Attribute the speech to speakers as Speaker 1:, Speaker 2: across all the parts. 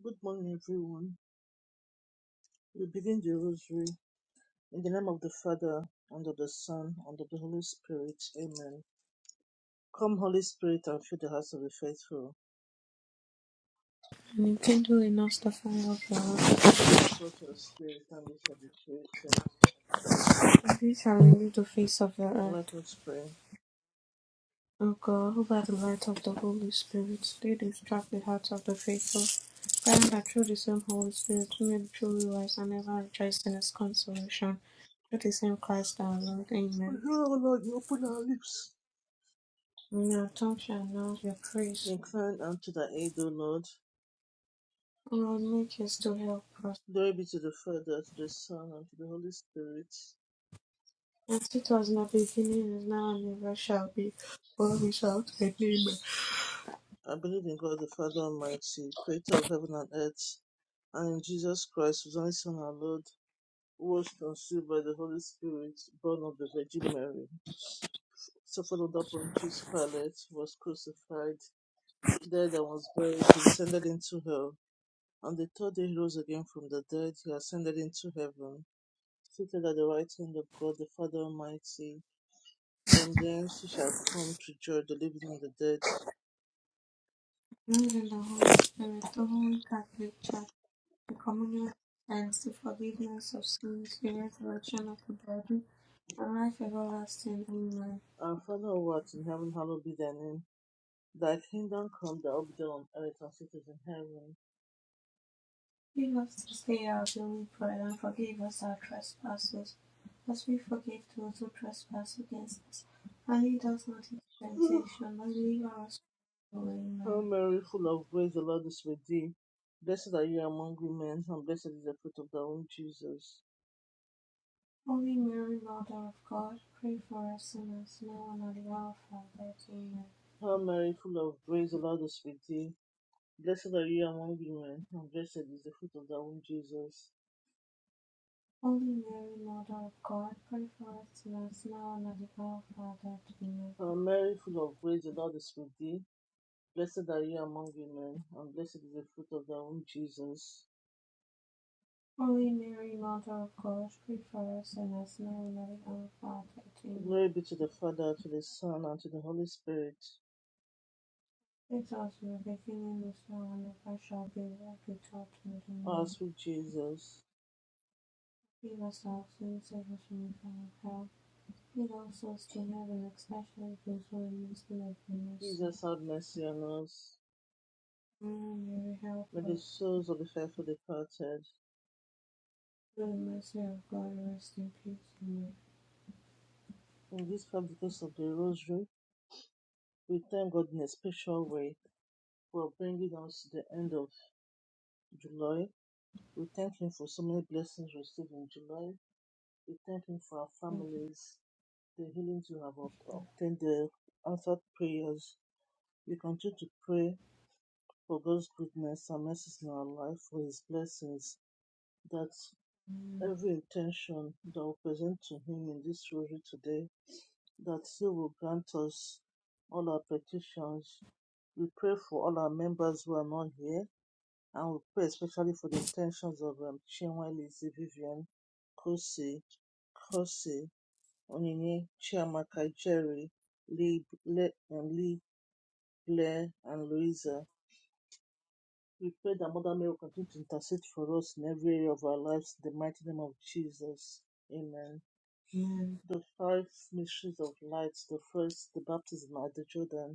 Speaker 1: Good morning, everyone. We begin the rosary in the name of the Father, and of the Son, and of the Holy Spirit. Amen. Come, Holy Spirit, and fill the hearts of the faithful.
Speaker 2: And rekindle us the fire of your wrath.
Speaker 1: Send forth your Spirit, and we shall be created.
Speaker 2: And we shall renew the face of the earth.
Speaker 1: Let us pray.
Speaker 2: O God, who by the light of the Holy Spirit did instruct the hearts of the faithful, grant that through the same Holy Spirit we may be truly wise and ever rejoice in His consolation. Through the same Christ our Lord.
Speaker 1: O
Speaker 2: Amen.
Speaker 1: Lord, Lord, you open our lips.
Speaker 2: And our tongue shall announce your praise.
Speaker 1: Incline unto thy aid, O Lord.
Speaker 2: O Lord, make haste to help us.
Speaker 1: Glory be to the Father, to the Son, and to the Holy Spirit.
Speaker 2: As it was in the beginning, is now, and ever shall be, world without end. Amen.
Speaker 1: I believe in God the Father Almighty, creator of heaven and earth, and in Jesus Christ, whose only Son, our Lord was conceived by the Holy Spirit, born of the Virgin Mary, suffered under Pontius Pilate, was crucified, died and was buried, he descended into hell. On the third day he rose again from the dead, he ascended into heaven, seated at the right hand of God the Father Almighty. From thence he shall come to judge the living and the dead.
Speaker 2: Amen. And the Holy Spirit, the Holy Catholic Church The communion contains the forgiveness of sins, the resurrection of the body, and life everlasting. Amen.
Speaker 1: Our Father who art in heaven, hallowed be thy name. Thy kingdom come, thy will be done on earth as it is in heaven.
Speaker 2: Give us this day our daily bread, and forgive us our trespasses, as we forgive those who trespass against us. And lead us not into temptation, but deliver us from evil.
Speaker 1: Hail
Speaker 2: Amen.
Speaker 1: Mary, full of grace, the Lord is with thee. Blessed are you among women, and blessed is the fruit of thy womb, Jesus.
Speaker 2: Holy Mary, Mother of God, pray for us sinners now and at the hour of our death. Amen.
Speaker 1: Hail Mary, full of grace, the Lord is with thee. Blessed are you among women, and blessed is the fruit of thy womb, Jesus.
Speaker 2: Holy Mary, Mother of God, pray for us sinners now and at the hour of our death. Amen.
Speaker 1: Hail Mary, full of grace, the Lord is with thee. Blessed are you among women, and blessed is the fruit of thy womb, Jesus.
Speaker 2: Holy Mary, Mother of God, pray for us sinners now and at the hour of our death. Amen.
Speaker 1: Glory be to the Father, to the Son, and to the Holy Spirit.
Speaker 2: Let us be beginning this hour and ever shall be that we talk to the
Speaker 1: Our
Speaker 2: Amen.
Speaker 1: sweet Jesus.
Speaker 2: Give us our sins, save us from the fire of hell. Lead all souls to heaven, especially those who are most in need of mercy.
Speaker 1: Jesus, have mercy on us.
Speaker 2: Mother Mary, help
Speaker 1: May the
Speaker 2: us.
Speaker 1: souls of the faithful departed
Speaker 2: Through the mercy of God, rest in peace. Amen.
Speaker 1: In this fast because of the Rosary, we thank God in a special way for bringing us to the end of July. We thank Him for so many blessings received in July. We thank Him for our
Speaker 2: Thank
Speaker 1: families, the healings we have obtained, the answered prayers. We continue to pray for God's goodness and mercies in our life, for His blessings, that
Speaker 2: you. Amen.
Speaker 1: every intention that we present to Him in this Rosary today that you will grant us all our petitions. We pray for all our members who are not here, and we pray especially for the intentions of um, Chinwe Lizzie Vivian, Kosi, Kosi, Onyinye, Chiamaka, Jerry, Lee, Le, and Lee, Blair, and Louisa. We pray that Mother Mary will continue to intercede for us in every area of our lives in the mighty name of Jesus. Amen.
Speaker 2: Amen.
Speaker 1: The five mysteries of light, the first, the baptism at the Jordan.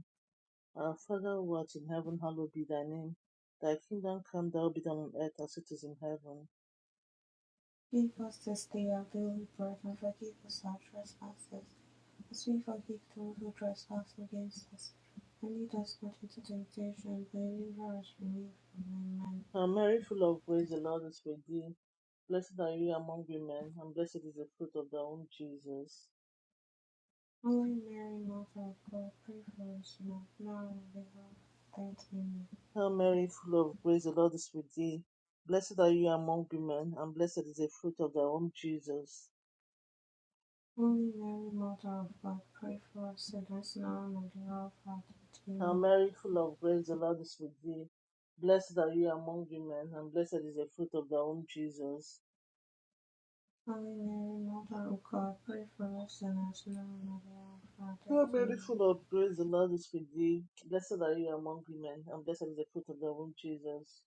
Speaker 1: Our Father who art in heaven, hallowed be thy name. Thy kingdom come, thy will be done on earth as it is in heaven.
Speaker 2: Give us this day our daily bread and forgive us our trespasses As we forgive those who trespass against us only does not into temptation, but delivers us from evil. Amen.
Speaker 1: Hail Mary, full of grace, the Lord is with thee. Blessed are you among women, and blessed is the fruit of thy womb, Jesus.
Speaker 2: Holy Mary, Mother of God, pray for us now, now and at the hour of our death. Amen.
Speaker 1: Hail Mary, full of grace, the Lord is with thee. Blessed are you among women, and blessed is the fruit of thy womb, Jesus.
Speaker 2: Holy Mary, Mother of God, pray for us sinners now and at the hour of our death.
Speaker 1: Hail
Speaker 2: Amen.
Speaker 1: Mary, full of grace, the Lord is with thee. Blessed are you among women, and blessed is the fruit of thy womb, Jesus.
Speaker 2: Holy Mary, Mother of God, pray for us sinners now and at the hour of our
Speaker 1: So
Speaker 2: death. Amen.
Speaker 1: beautiful of grace, the Lord is with thee. Blessed are you among women, and blessed is the fruit of thy womb, Jesus.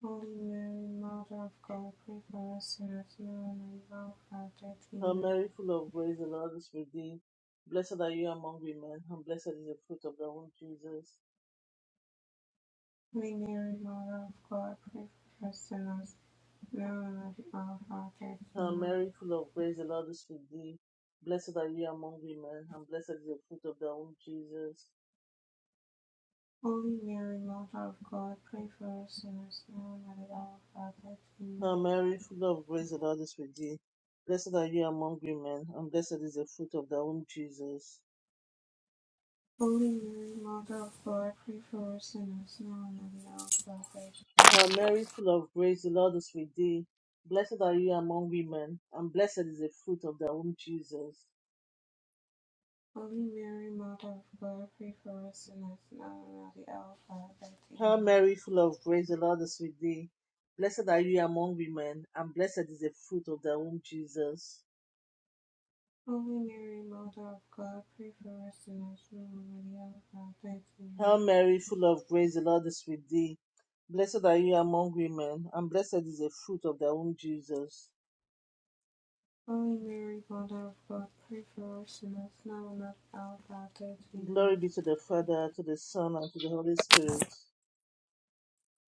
Speaker 2: Holy Mary, Mother of God, pray for us sinners now and at the hour of our death.
Speaker 1: Hail
Speaker 2: Amen.
Speaker 1: Mary, full of grace, the Lord is with thee. Blessed are you among women, and blessed is the fruit of thy womb, Jesus.
Speaker 2: Many modern God practitioners believe and practice
Speaker 1: Hail
Speaker 2: in
Speaker 1: Mary, full of grace, the Lord is with thee. Blessed are you among women, and blessed is the fruit of thy womb, Jesus.
Speaker 2: Holy Mary, Mother of God, pray for us sinners now and at the hour of our death. Amen.
Speaker 1: Hail Mary, full of grace, the Lord is with thee. Blessed are you among women, and blessed is the fruit of thy womb, Jesus.
Speaker 2: Holy Mary, Mother of God, pray for us sinners now and at the hour of our death.
Speaker 1: Hail
Speaker 2: Amen.
Speaker 1: Mary, full of grace, the Lord is with thee. Blessed are you among women, and blessed is the fruit of thy womb, Jesus.
Speaker 2: Holy Mary, Mother of God, pray for us sinners now and at the hour of our death.
Speaker 1: Hail
Speaker 2: Amen.
Speaker 1: Mary, full of grace, the Lord is with thee. Blessed are you among women, and blessed is the fruit of thy womb, Jesus.
Speaker 2: Holy Mary, Mother of God, pray for us sinners now and at the hour of our death. Amen.
Speaker 1: Hail Mary, full of grace, the Lord is with thee. Blessed are you among women, and blessed is the fruit of thy womb, Jesus.
Speaker 2: Holy Mary, Mother of God, pray for us sinners, now and at the hour of our death. Amen.
Speaker 1: Glory be to the Father, to the Son, and to the Holy Spirit.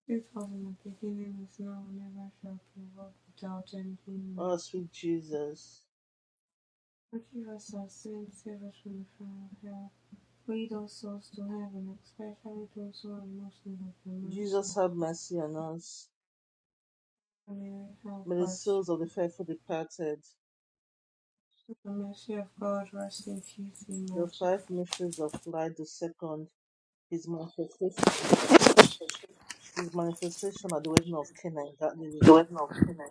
Speaker 2: It was in the beginning, is now, and ever shall be, world without end. Amen.
Speaker 1: Oh, sweet Jesus.
Speaker 2: Forgive us our sins, save us from the fire of hell. Lead all souls to heaven, especially those who are most in need of your mercy.
Speaker 1: Jesus, have mercy on us.
Speaker 2: Mary, help
Speaker 1: May the
Speaker 2: us.
Speaker 1: souls of the faithful departed,
Speaker 2: With the mercy of God, rest in peace.
Speaker 1: the
Speaker 2: Amen.
Speaker 1: five mysteries of light, the second, his manifestation, his manifestation at the wedding of Cana in Galilee.
Speaker 2: There is no sinner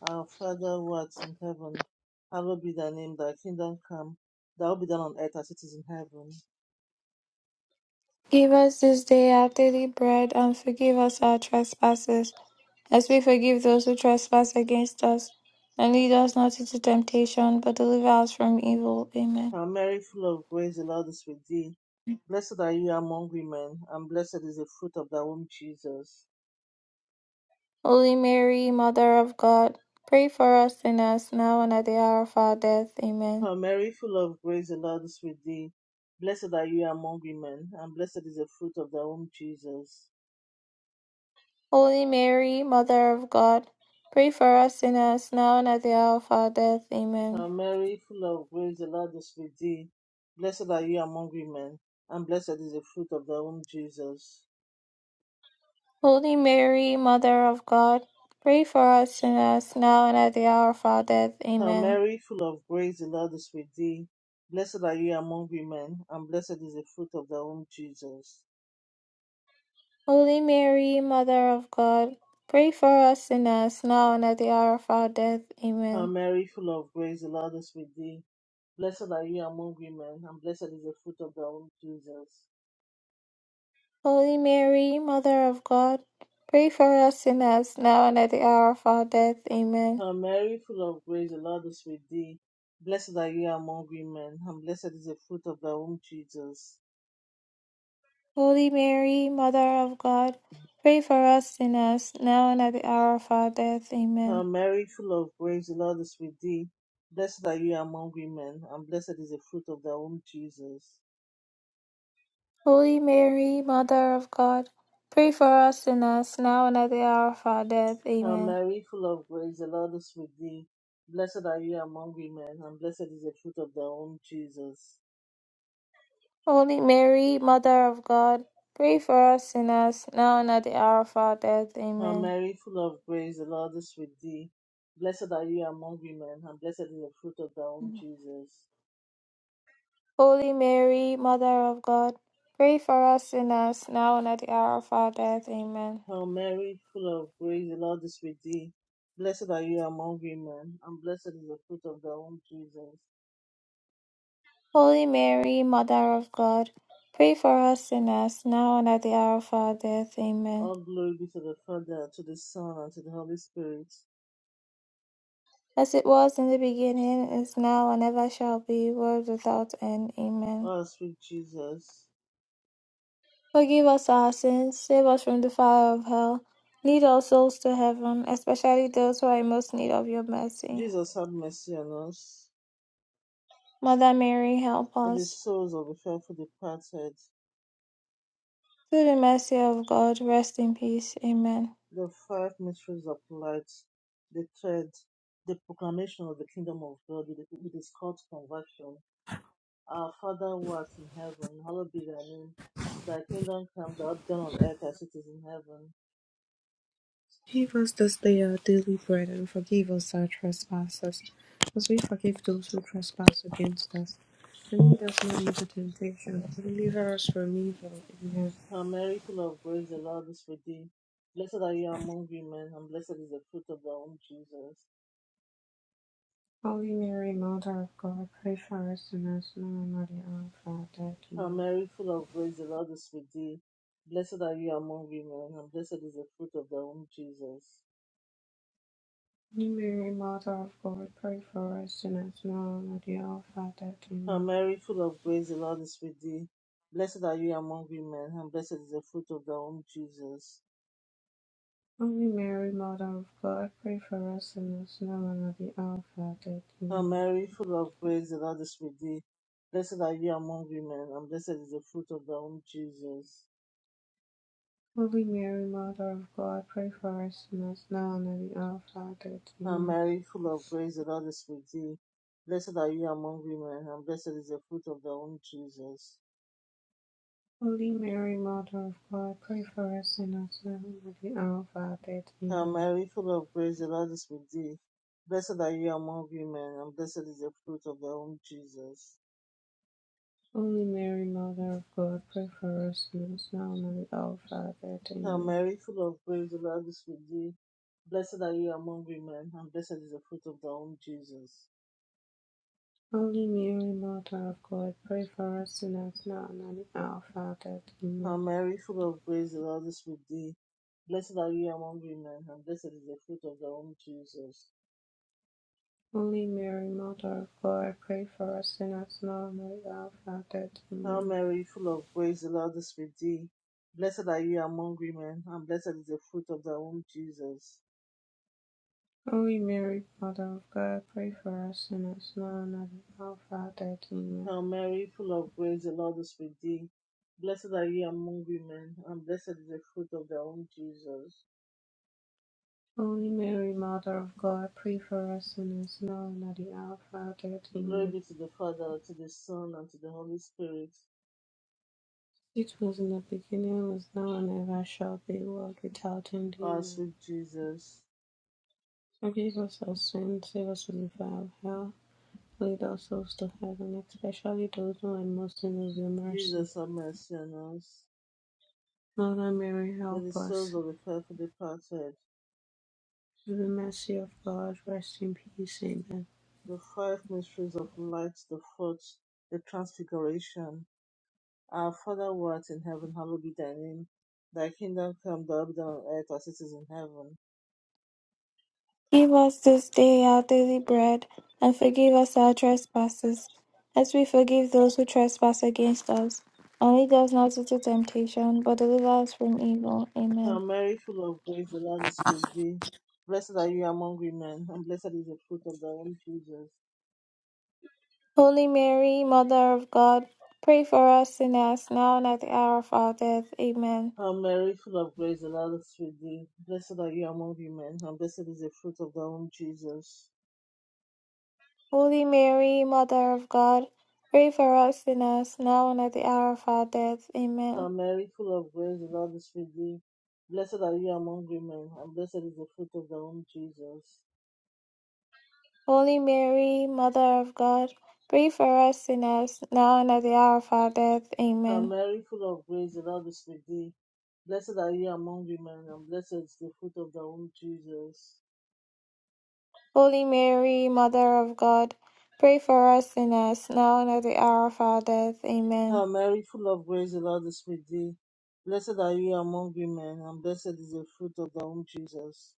Speaker 1: Our Father who art in heaven, hallowed be thy name, thy kingdom come, thy will be done on earth as it is in heaven.
Speaker 3: Give us this day our daily bread, and forgive us our trespasses, as we forgive those who trespass against us. And lead us not into temptation, but deliver us from evil. Amen.
Speaker 1: Hail Mary, full of grace, the Lord is with thee. Blessed are you among women, and blessed is the fruit of thy womb, Jesus.
Speaker 3: Holy Mary, Mother of God, pray for us sinners now and at the hour of our death. Amen.
Speaker 1: Hail Mary, full of grace, the Lord is with thee. Blessed are you among women, and blessed is the fruit of thy womb, Jesus.
Speaker 3: Holy Mary, Mother of God, pray for us sinners now and at the hour of our death.
Speaker 1: Hail
Speaker 3: Amen.
Speaker 1: Mary, full of grace, the Lord is with thee. Blessed are you among women, and blessed is the fruit of thy womb, Jesus.
Speaker 3: Holy Mary, Mother of God, pray for us sinners now and at the hour of our death.
Speaker 1: Hail
Speaker 3: Amen.
Speaker 1: Mary, full of grace, the Lord is with thee. Blessed are you among women, and blessed is the fruit of thy womb, Jesus.
Speaker 3: Holy Mary, Mother of God, pray for us sinners now and at the hour of our death.
Speaker 1: Hail
Speaker 3: Amen.
Speaker 1: Mary, full of grace, the Lord is with thee. Blessed are you among women, and blessed is the fruit of thy womb, Jesus.
Speaker 3: Holy Mary, Mother of God, pray for us sinners now and at the hour of our death. Amen.
Speaker 1: Hail Mary, full of grace, the Lord is with thee. Blessed are you among women, and blessed is the fruit of thy womb, Jesus.
Speaker 3: Holy Mary, Mother of God, pray for us sinners now and at the hour of our death. Amen.
Speaker 1: Hail Mary, full of grace, the Lord is with thee. Blessed are you among women, and blessed is the fruit of thy womb, Jesus.
Speaker 3: Holy Mary, Mother of God, pray for us sinners now and at the hour of our death.
Speaker 1: Hail
Speaker 3: Amen.
Speaker 1: Mary, full of grace, the Lord is with thee. Blessed are you among women, and blessed is the fruit of thy womb, Jesus.
Speaker 3: Holy Mary, Mother of God, pray for us sinners, now and at the hour of our death.
Speaker 1: Hail
Speaker 3: Amen.
Speaker 1: Mary, full of grace, the Lord is with thee. Blessed are you among women, and blessed is the fruit of thy womb, Jesus.
Speaker 3: Holy Mary, Mother of God, pray for us sinners, now and at the hour of our death. Amen.
Speaker 1: Hail Mary, full of grace, the Lord is with thee. Blessed are you among women, and blessed is the fruit of thy womb, Jesus.
Speaker 3: Holy Mary, Mother of God, pray for us sinners, now and at the hour of our death. Amen.
Speaker 1: All glory be to the Father, to the Son, and to the Holy Spirit.
Speaker 3: As it was in the beginning, is now, and ever shall be, world without end. Amen.
Speaker 1: Oh, sweet Jesus.
Speaker 3: Forgive us our sins, save us from the fire of hell, lead all souls to heaven, especially those who are in most need of your mercy.
Speaker 1: Jesus, have mercy on us.
Speaker 3: Mother Mary, help
Speaker 1: May the
Speaker 3: us.
Speaker 1: souls of the faithful departed,
Speaker 3: Through the mercy of God, rest in peace. Amen.
Speaker 1: the five mysteries of light, the third, the proclamation of the kingdom of God with with its called conversion. Our Father who art in heaven, hallowed be thy name. Thy kingdom come, thy will be done on earth as it is in heaven.
Speaker 2: Give us this day our daily bread, and forgive us our trespasses, as we forgive those who trespass against us. And lead us not into temptation, but deliver us from evil. Amen.
Speaker 1: Hail Mary, full of grace, the Lord is with thee. Blessed are you among women, and blessed is the fruit of thy womb, Jesus.
Speaker 2: Holy Mary, Mother of God, pray for us sinners, now and at the hour of our death.
Speaker 1: Hail
Speaker 2: Amen.
Speaker 1: Mary, full of grace, the Lord is with thee. Blessed are you among women, and blessed is the fruit of thy womb, Jesus.
Speaker 2: Holy Mary, Mother of God, pray for us sinners, now and at the hour of our death.
Speaker 1: Hail
Speaker 2: Amen.
Speaker 1: Mary, full of grace, the Lord is with thee. Blessed are you among women, and blessed is the fruit of thy womb, Jesus.
Speaker 2: Holy Mary, Mother of God, pray for us sinners, now and at the hour of our death.
Speaker 1: Hail
Speaker 2: Amen.
Speaker 1: Mary, full of grace, the Lord is with thee. Blessed are you among women, and blessed is the fruit of thy womb, Jesus.
Speaker 2: Holy Mary, Mother of God, pray for us sinners now and at the hour of our death.
Speaker 1: Hail
Speaker 2: Amen.
Speaker 1: Mary, full of grace, the Lord is with thee. Blessed are you among women, and blessed is the fruit of thy womb, Jesus.
Speaker 2: Holy Mary, Mother of God, pray for us sinners now and at the hour of our death.
Speaker 1: Hail
Speaker 2: Amen.
Speaker 1: Mary, full of grace, the Lord is with thee. Blessed are you among women, and blessed is the fruit of thy womb, Jesus.
Speaker 2: Holy Mary, Mother of God, pray for us sinners now and at the hour of our death.
Speaker 1: Hail
Speaker 2: Amen.
Speaker 1: Mary, full of grace, the Lord is with thee. Blessed are you among women, and blessed is the fruit of thy womb, Jesus.
Speaker 2: Holy Mary, Mother of God, pray for us sinners now and at the hour of our death.
Speaker 1: Hail
Speaker 2: Amen.
Speaker 1: Mary, full of grace, the Lord is with thee. Blessed are you among women, and blessed is the fruit of thy womb, Jesus.
Speaker 2: Holy Mary, Mother of God, pray for us sinners now and at the hour of our death.
Speaker 1: Hail
Speaker 2: Amen.
Speaker 1: Mary, full of grace, the Lord is with thee. Blessed are you among women, and blessed is the fruit of thy womb, Jesus.
Speaker 2: Holy Mary, Mother of God, pray for us sinners now and at the hour of our death. Amen.
Speaker 1: Hail Mary, full of grace, the Lord is with thee. Blessed are you among women, and blessed is the fruit of thy womb, Jesus.
Speaker 2: Holy Mary, Mother of God, pray for us sinners now and at the hour of our death.
Speaker 1: Glory
Speaker 2: Amen.
Speaker 1: be to the Father, to the Son, and to the Holy Spirit.
Speaker 2: It was in the beginning, was now, and ever shall be, world without end.
Speaker 1: Our
Speaker 2: Amen.
Speaker 1: sweet Jesus,
Speaker 2: Forgive us our sins, save us from the fire of hell. Lead our souls to heaven, especially those who are most in need of your mercy.
Speaker 1: Jesus, have mercy on us.
Speaker 2: Mother Mary,
Speaker 1: May
Speaker 2: help
Speaker 1: the souls
Speaker 2: us.
Speaker 1: of the faithful departed,
Speaker 2: Through the mercy of God, rest in peace. Amen.
Speaker 1: the five mysteries of light, the fourth, the transfiguration, Our Father who art in heaven, hallowed be thy name. Thy kingdom come, thy will be done on earth as it is in heaven.
Speaker 3: Give us this day our daily bread, and forgive us our trespasses, as we forgive those who trespass against us. And lead us not into temptation, but deliver us from evil. Amen.
Speaker 1: Hail Mary, full of grace, the Lord is with thee. Blessed are you among women, and blessed is the fruit of thy womb, Jesus.
Speaker 3: Holy Mary, Mother of God, pray for us sinners, now and at the hour of our death. Amen.
Speaker 1: Hail Mary, full of grace, the Lord is with thee. Blessed are you among women, and blessed is the fruit of thy womb, Jesus.
Speaker 3: Holy Mary, Mother of God, pray for us sinners, now and at the hour of our death.
Speaker 1: Hail
Speaker 3: Amen.
Speaker 1: Mary, full of grace, the Lord is with thee. Blessed are you among women, and blessed is the fruit of thy womb, Jesus.
Speaker 3: Holy Mary, Mother of God, pray for us sinners, now and at the hour of our death.
Speaker 1: Hail
Speaker 3: Amen.
Speaker 1: Mary, full of grace, the Lord is with thee. Blessed are you among women, and blessed is the fruit of thy womb, Jesus.
Speaker 3: Holy Mary, Mother of God, pray for us sinners, now and at the hour of our death. Amen.
Speaker 1: Hail Mary, full of grace, the Lord is with thee. Blessed are you among women, and blessed is the fruit of thy womb, Jesus.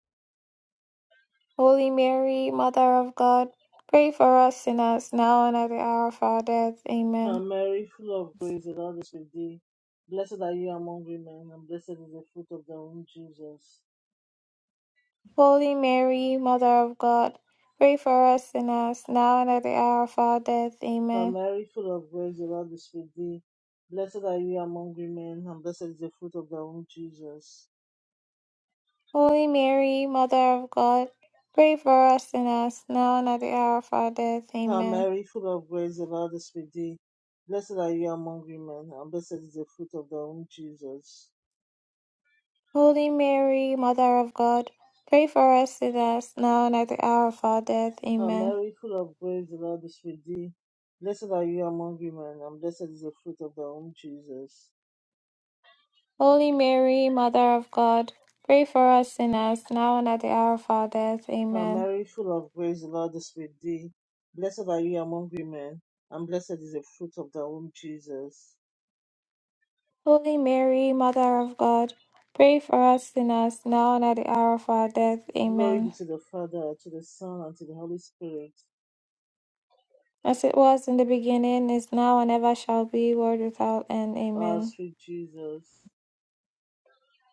Speaker 3: Holy Mary, Mother of God, pray for us sinners, now and at the hour of our death.
Speaker 1: Hail
Speaker 3: Amen.
Speaker 1: Mary, full of grace, the Lord is with thee. Blessed are you among women, and blessed is the fruit of thy womb, Jesus.
Speaker 3: Holy Mary, Mother of God, pray for us sinners, now and at the hour of our death.
Speaker 1: Hail
Speaker 3: Amen.
Speaker 1: Mary, full of grace, the Lord is with thee. Blessed are you among women, and blessed is the fruit of thy womb, Jesus.
Speaker 3: Holy Mary, Mother of God, pray for us sinners, now and at the hour of our death.
Speaker 1: Hail
Speaker 3: Amen.
Speaker 1: Mary, full of grace, the Lord is with thee. Blessed are you among women, and blessed is the fruit of thy womb, Jesus.
Speaker 3: Holy Mary, Mother of God, pray for us sinners, now and at the hour of our death.
Speaker 1: Hail
Speaker 3: Amen.
Speaker 1: Mary, full of grace, the Lord is with thee. Blessed are you among women, and blessed is the fruit of thy womb, Jesus.
Speaker 3: Holy Mary, Mother of God, pray for us sinners, now and at the hour of our death.
Speaker 1: Hail
Speaker 3: Amen.
Speaker 1: Mary, full of grace, the Lord is with thee. Blessed are you among women, and blessed is the fruit of thy womb, Jesus.
Speaker 3: Holy Mary, Mother of God, pray for us sinners, now and at the hour of our death.
Speaker 1: Glory be
Speaker 3: Amen.
Speaker 1: to the Father, to the Son, and to the Holy Spirit.
Speaker 3: As it was in the beginning, is now, and ever shall be, world without end.
Speaker 1: Ah,
Speaker 3: Amen.
Speaker 1: sweet Jesus.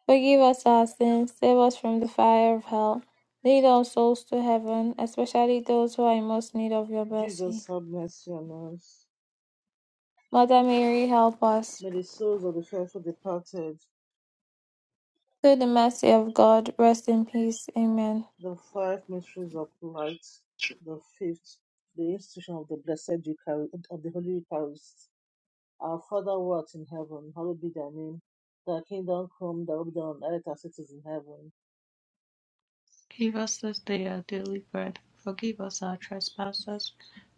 Speaker 3: Forgive us our sins, save us from the fire of hell. Lead all souls to heaven, especially those who are in most need of your mercy.
Speaker 1: Jesus, have mercy on us.
Speaker 3: Mother Mary, help us.
Speaker 1: May the souls of the faithful departed,
Speaker 3: Through the mercy of God, rest in peace. Amen.
Speaker 1: the five mysteries of light, the fifth, the institution of the blessed Eucharist, of the Holy Eucharist. Our Father who art in heaven, hallowed be thy name. Thy kingdom come, thy will be done on earth as it is in heaven.
Speaker 2: Give us this day our daily bread. Forgive us our trespasses,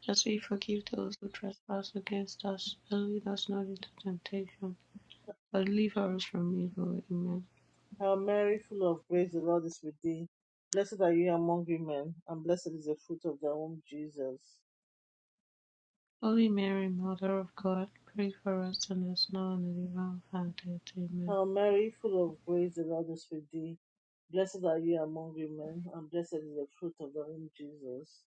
Speaker 2: as we forgive those who trespass against us. And lead us not into temptation, but deliver us from evil. Amen.
Speaker 1: Hail Mary, full of grace, the Lord is with thee. Blessed are you among women, and blessed is the fruit of thy womb, Jesus.
Speaker 2: Holy Mary, Mother of God, pray for us sinners now and at the hour of our death. Amen.
Speaker 1: Hail Mary, full of grace, the Lord is with thee. Blessed are you among women, and blessed is the fruit of thy womb, Jesus.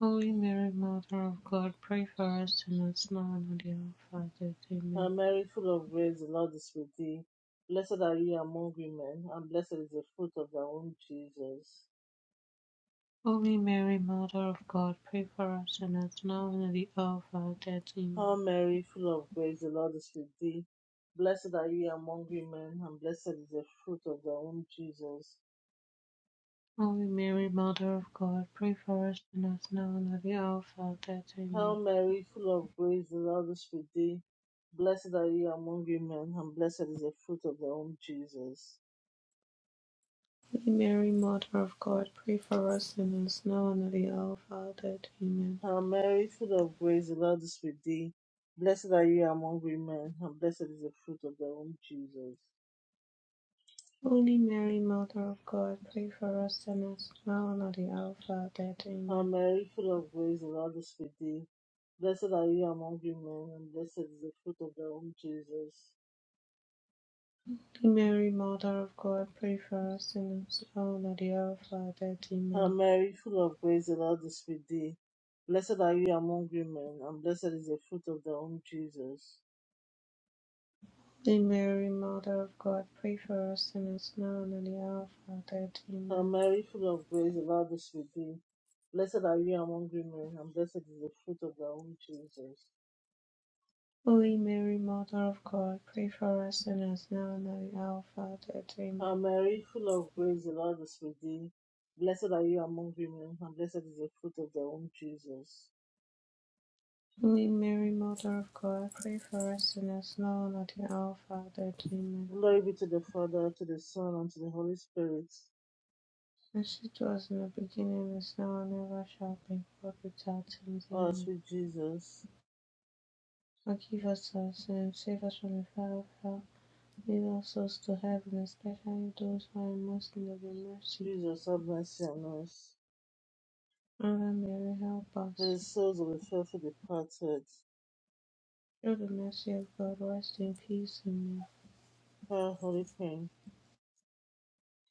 Speaker 2: Holy Mary, Mother of God, pray for us sinners now and at the hour of our death.
Speaker 1: Hail
Speaker 2: Amen.
Speaker 1: Mary, full of grace, the Lord is with thee. Blessed are you among women, and blessed is the fruit of thy womb, Jesus.
Speaker 2: Holy Mary, Mother of God, pray for us sinners now and at the hour of our death. Amen.
Speaker 1: Hail Mary, full of grace, the Lord is with thee. Blessed are you among women, and blessed is the fruit of thy womb, Jesus.
Speaker 2: Holy Mary, Mother of God, pray for us sinners now and at the hour of our death. Amen.
Speaker 1: Hail Mary, full of grace, the Lord is with thee. Blessed are you among women, and blessed is the fruit of thy womb, Jesus.
Speaker 2: Holy Mary, Mother of God, pray for us sinners now and at the hour of our death. Amen.
Speaker 1: Hail Mary, full of grace, the Lord is with thee. Blessed are you among women, and blessed is the fruit of thy womb, Jesus.
Speaker 2: Holy Mary, Mother of God, pray for us sinners now and at the hour of our death.
Speaker 1: Hail
Speaker 2: Amen.
Speaker 1: Mary, full of grace, the Lord is with thee. Blessed are you among women, and blessed is the fruit of thy womb, Jesus.
Speaker 2: Holy Mary, Mother of God, pray for us sinners now and at the hour of our death.
Speaker 1: Hail
Speaker 2: Amen.
Speaker 1: Mary, full of grace, the Lord is with thee. Blessed are you among women, and blessed is the fruit of thy womb, Jesus.
Speaker 2: Holy Mary, Mother of God, pray for us sinners now and at the hour of our death.
Speaker 1: Hail
Speaker 2: Amen.
Speaker 1: Mary, full of grace, the Lord is with thee. Blessed are you among women, and blessed is the fruit of thy womb, Jesus.
Speaker 2: Holy Mary, Mother of God, pray for us sinners now and at the hour of our death.
Speaker 1: Hail
Speaker 2: Amen.
Speaker 1: Mary, full of grace, the Lord is with thee. Blessed are you among women, and blessed is the fruit of thy womb, Jesus.
Speaker 2: Holy Mary, Mother of God, pray for us sinners now and at the hour of our death. Amen.
Speaker 1: Glory be to the Father, to the Son, and to the Holy Spirit.
Speaker 2: As it was in the beginning, is now, and ever shall be, world without end.
Speaker 1: Oh,
Speaker 2: Amen.
Speaker 1: sweet Jesus,
Speaker 2: Forgive us our sins, save us from the fire of hell, lead all souls to heaven, especially those who are in most need of your mercy.
Speaker 1: Jesus, have mercy on us.
Speaker 2: Mother Mary, help
Speaker 1: Let
Speaker 2: us.
Speaker 1: the souls of the faithful departed,
Speaker 2: Through the mercy of God, rest in peace. Amen.
Speaker 1: our holy pain,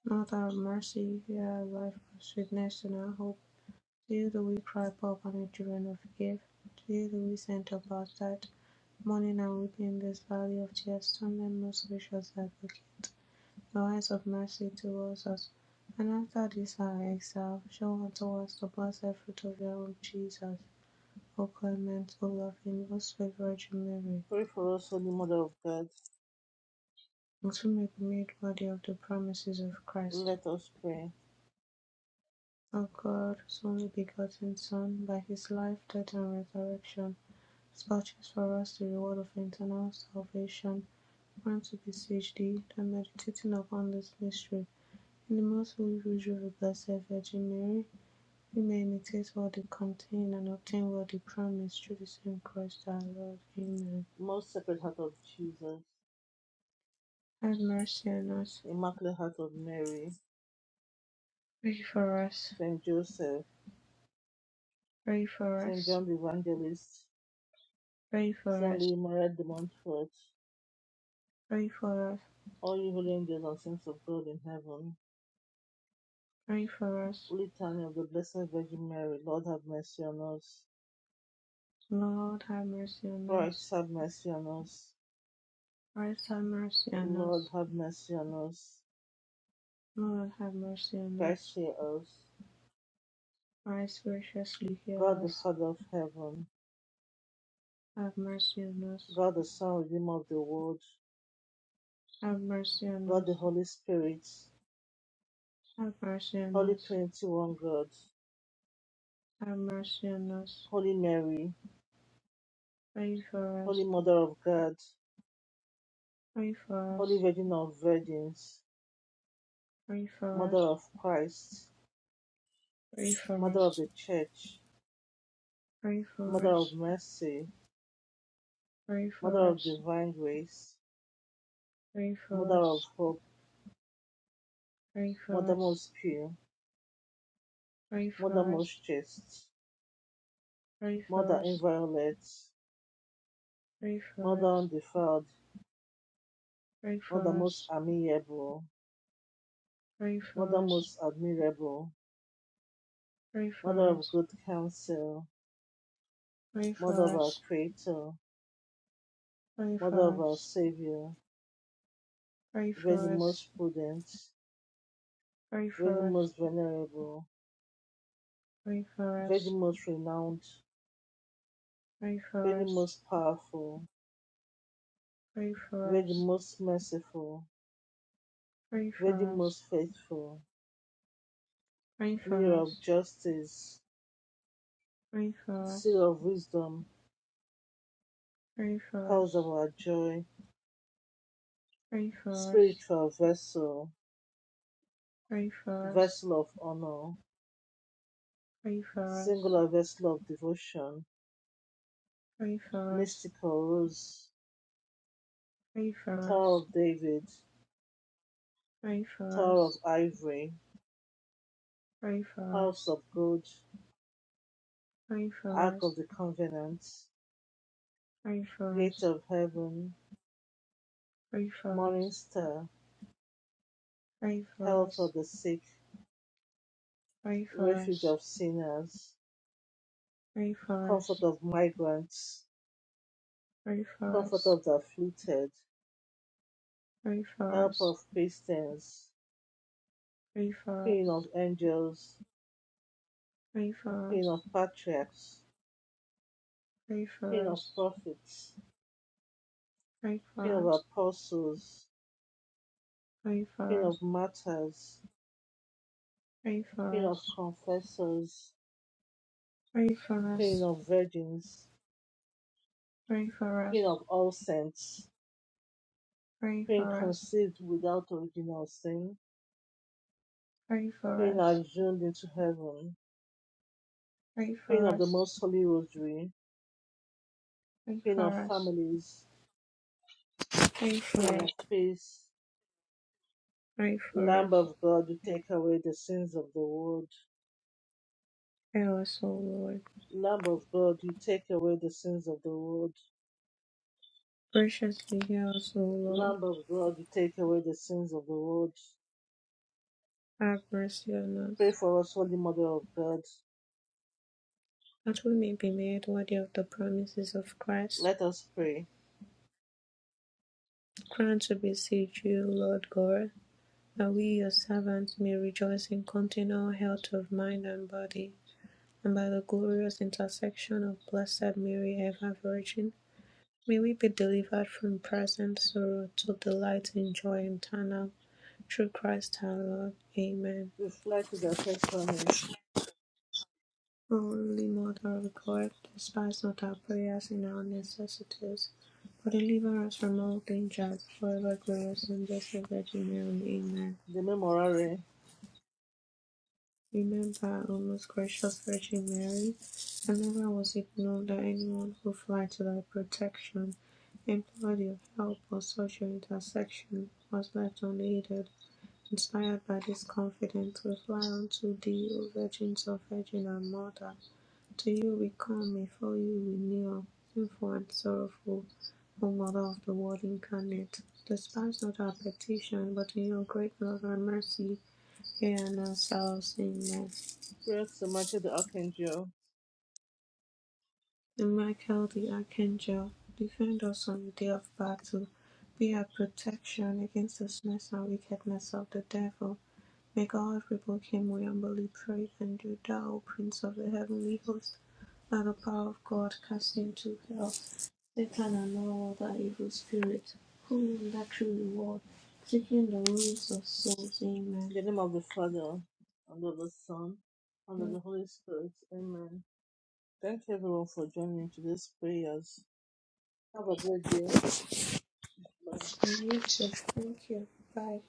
Speaker 2: Not out of mercy, our life of sweetness, and our hope. To you do we cry, poor and children of forgive. To you do we send up our sight, mourning and weeping in this valley of tears. Turn then most gracious advocate, the eyes of mercy towards us. And after this our exile, show unto us the blessed fruit of your womb, Jesus. O clement, O loving, most sweet Virgin Mary,
Speaker 1: pray for us, Holy Mother of God.
Speaker 2: until we may be made worthy of the promises of Christ.
Speaker 1: Let us pray.
Speaker 2: of God's only begotten Son, by his life, death, and resurrection, has purchased for us the reward of eternal salvation. Grant to beseech thee that meditating upon this mystery in the most holy rosary of the Blessed Virgin Mary, we may imitate what it contains and obtain what it promised through the same Christ our Lord. Amen.
Speaker 1: Most Sacred Heart of Jesus,
Speaker 2: Have mercy on us.
Speaker 1: Immaculate Heart of Mary,
Speaker 2: Pray for us.
Speaker 1: Saint Joseph,
Speaker 2: Pray for
Speaker 1: Saint
Speaker 2: us.
Speaker 1: John the Evangelist,
Speaker 2: Pray for
Speaker 1: Saint
Speaker 2: us.
Speaker 1: Louis Maria de Montfort,
Speaker 2: Pray for us.
Speaker 1: all you holy angels and saints of God in heaven,
Speaker 2: Pray for us.
Speaker 1: Litany of the Blessed Virgin Mary, Lord have mercy on us.
Speaker 2: Lord, have mercy on us.
Speaker 1: Christ have mercy on us.
Speaker 2: Christ have mercy on
Speaker 1: Lord
Speaker 2: us.
Speaker 1: have mercy on us.
Speaker 2: Lord have mercy on
Speaker 1: Christ
Speaker 2: us.
Speaker 1: hear us.
Speaker 2: Christ graciously
Speaker 1: God
Speaker 2: hear
Speaker 1: the
Speaker 2: us.
Speaker 1: Father of heaven.
Speaker 2: Have mercy on us.
Speaker 1: God the Son, Redeemer of the world.
Speaker 2: Have mercy on
Speaker 1: God the
Speaker 2: us.
Speaker 1: Holy Spirit.
Speaker 2: Have mercy on
Speaker 1: Holy
Speaker 2: us.
Speaker 1: Trinity, one God.
Speaker 2: Have mercy on us.
Speaker 1: Holy Mary.
Speaker 2: Pray for
Speaker 1: Holy
Speaker 2: us.
Speaker 1: Mother of God.
Speaker 2: Pray for
Speaker 1: Holy
Speaker 2: us.
Speaker 1: Virgin of Virgins.
Speaker 2: Pray for
Speaker 1: Mother
Speaker 2: us.
Speaker 1: of Christ.
Speaker 2: Pray for
Speaker 1: Mother
Speaker 2: us.
Speaker 1: of the Church.
Speaker 2: Pray for
Speaker 1: Mother
Speaker 2: us.
Speaker 1: of mercy.
Speaker 2: Pray
Speaker 1: Mother
Speaker 2: for
Speaker 1: of
Speaker 2: us.
Speaker 1: divine grace.
Speaker 2: Pray for
Speaker 1: Mother of
Speaker 2: us.
Speaker 1: hope.
Speaker 2: Pray for
Speaker 1: Mother
Speaker 2: us.
Speaker 1: most pure.
Speaker 2: Pray
Speaker 1: Mother
Speaker 2: for us.
Speaker 1: most chaste.
Speaker 2: Pray for
Speaker 1: Mother
Speaker 2: us.
Speaker 1: inviolate,
Speaker 2: Pray for
Speaker 1: Mother
Speaker 2: us.
Speaker 1: undefiled,
Speaker 2: Pray
Speaker 1: Mother
Speaker 2: for
Speaker 1: most
Speaker 2: us.
Speaker 1: amiable,
Speaker 2: Pray
Speaker 1: Mother
Speaker 2: for us.
Speaker 1: most admirable,
Speaker 2: Pray
Speaker 1: Mother
Speaker 2: for
Speaker 1: of
Speaker 2: us.
Speaker 1: good counsel,
Speaker 2: Pray
Speaker 1: Mother of
Speaker 2: for
Speaker 1: our
Speaker 2: us.
Speaker 1: Creator,
Speaker 2: Pray
Speaker 1: Mother
Speaker 2: for
Speaker 1: of our
Speaker 2: us.
Speaker 1: Savior,
Speaker 2: Pray for
Speaker 1: Virgin
Speaker 2: us.
Speaker 1: most prudent,
Speaker 2: Pray for
Speaker 1: Virgin
Speaker 2: us.
Speaker 1: most venerable,
Speaker 2: Pray for us.
Speaker 1: Virgin most renowned,
Speaker 2: Pray for
Speaker 1: Virgin
Speaker 2: us.
Speaker 1: most powerful,
Speaker 2: Pray for
Speaker 1: Virgin
Speaker 2: us.
Speaker 1: most merciful,
Speaker 2: Pray
Speaker 1: Virgin
Speaker 2: for us.
Speaker 1: most faithful,
Speaker 2: Pray for
Speaker 1: Mirror of
Speaker 2: us.
Speaker 1: justice,
Speaker 2: Pray for us.
Speaker 1: Seal of wisdom,
Speaker 2: Pray for
Speaker 1: Cause of our joy,
Speaker 2: us.
Speaker 1: Spiritual vessel,
Speaker 2: Pray for us.
Speaker 1: vessel of honor,
Speaker 2: Pray for us.
Speaker 1: singular vessel of devotion,
Speaker 2: Pray for us.
Speaker 1: mystical rose,
Speaker 2: Pray for us. Pray for us.
Speaker 1: Tower of David,
Speaker 2: Pray for us.
Speaker 1: Tower of Ivory,
Speaker 2: Pray for us.
Speaker 1: House of Gold,
Speaker 2: Pray for
Speaker 1: Ark
Speaker 2: us.
Speaker 1: of the Covenant, Gate of Heaven,
Speaker 2: Pray for us. Pray for us.
Speaker 1: Morning Star,
Speaker 2: Pray for
Speaker 1: Health
Speaker 2: us.
Speaker 1: of the Sick,
Speaker 2: Pray for us.
Speaker 1: Refuge of Sinners,
Speaker 2: Pray for us.
Speaker 1: Comfort of Migrants,
Speaker 2: Pray for us.
Speaker 1: Comfort of the Afflicted,
Speaker 2: Pray for
Speaker 1: Help
Speaker 2: us.
Speaker 1: of Christians,
Speaker 2: Pray for
Speaker 1: Queen of
Speaker 2: us.
Speaker 1: Angels,
Speaker 2: Pray for
Speaker 1: Queen
Speaker 2: us.
Speaker 1: of Patriarchs,
Speaker 2: Pray
Speaker 1: Queen
Speaker 2: for
Speaker 1: of
Speaker 2: us.
Speaker 1: Prophets,
Speaker 2: Pray
Speaker 1: Queen
Speaker 2: for
Speaker 1: of
Speaker 2: us.
Speaker 1: Apostles,
Speaker 2: Pray
Speaker 1: Queen
Speaker 2: for us.
Speaker 1: of Martyrs,
Speaker 2: Pray
Speaker 1: Queen
Speaker 2: for
Speaker 1: of
Speaker 2: us.
Speaker 1: Confessors,
Speaker 2: Pray for
Speaker 1: Queen
Speaker 2: us.
Speaker 1: of Virgins,
Speaker 2: Pray for
Speaker 1: Queen
Speaker 2: us.
Speaker 1: of All Saints,
Speaker 2: Pray
Speaker 1: Queen
Speaker 2: for us.
Speaker 1: conceived without original sin,
Speaker 2: Pray for
Speaker 1: Queen
Speaker 2: us.
Speaker 1: assumed into heaven,
Speaker 2: Pray
Speaker 1: Queen
Speaker 2: for
Speaker 1: of the
Speaker 2: us.
Speaker 1: Most Holy Rosary,
Speaker 2: Pray
Speaker 1: Queen of
Speaker 2: for us.
Speaker 1: Families,
Speaker 2: Pray for
Speaker 1: Queen of
Speaker 2: us.
Speaker 1: Peace,
Speaker 2: Pray for
Speaker 1: Lamb
Speaker 2: us.
Speaker 1: of God, you take away the sins of the world.
Speaker 2: Hear us, O Lord.
Speaker 1: Lamb of God, you take away the sins of the world.
Speaker 2: Graciously hear us, O Lord.
Speaker 1: Lamb of God, you take away the sins of the world.
Speaker 2: Have mercy on
Speaker 1: Pray
Speaker 2: us,
Speaker 1: for us, Holy Mother of God.
Speaker 2: that we may be made worthy of the promises of Christ.
Speaker 1: Let us pray.
Speaker 2: Grant to beseech you, Lord God That we your servants may rejoice in continual health of mind and body, and by the glorious intercession of Blessed Mary, ever Virgin, may we be delivered from present sorrow to delight in joy eternal. Through Christ our Lord. Amen.
Speaker 1: We fly to the patronage,
Speaker 2: O Holy Mother of God, despise not our prayers in our necessities, but deliver us from all dangers, forever glorious and blessed Virgin Mary. Amen.
Speaker 1: the memorare,
Speaker 2: Remember, O most gracious Virgin Mary, that never was it known that anyone who fled to thy protection, implored your help, or sought your intercession, was left unaided. Inspired by this confidence, we fly unto thee, O Virgin, so Virgin and Mother. To you we come, before you we kneel, sinful and sorrowful, O Mother of the Word incarnate. Despise not our petition, but in your great love and mercy, hear and answer us. Amen.
Speaker 1: prayer to Michael the Archangel,
Speaker 2: And Michael the Archangel, defend us on the day of battle. Be our protection against the snares and wickedness of the devil. May God rebuke him, we humbly pray. And do thou, O Prince of the heavenly host, by the power of God, cast into hell Satan and all other evil spirits who will lack true reward, seeking the ruins of souls. Amen.
Speaker 1: in the name of the Father, and of the Son, and
Speaker 2: you
Speaker 1: of the Holy Spirit. Amen. Thank you everyone for joining today's prayers. Have a great day. Bye.
Speaker 2: Thank you. Bye.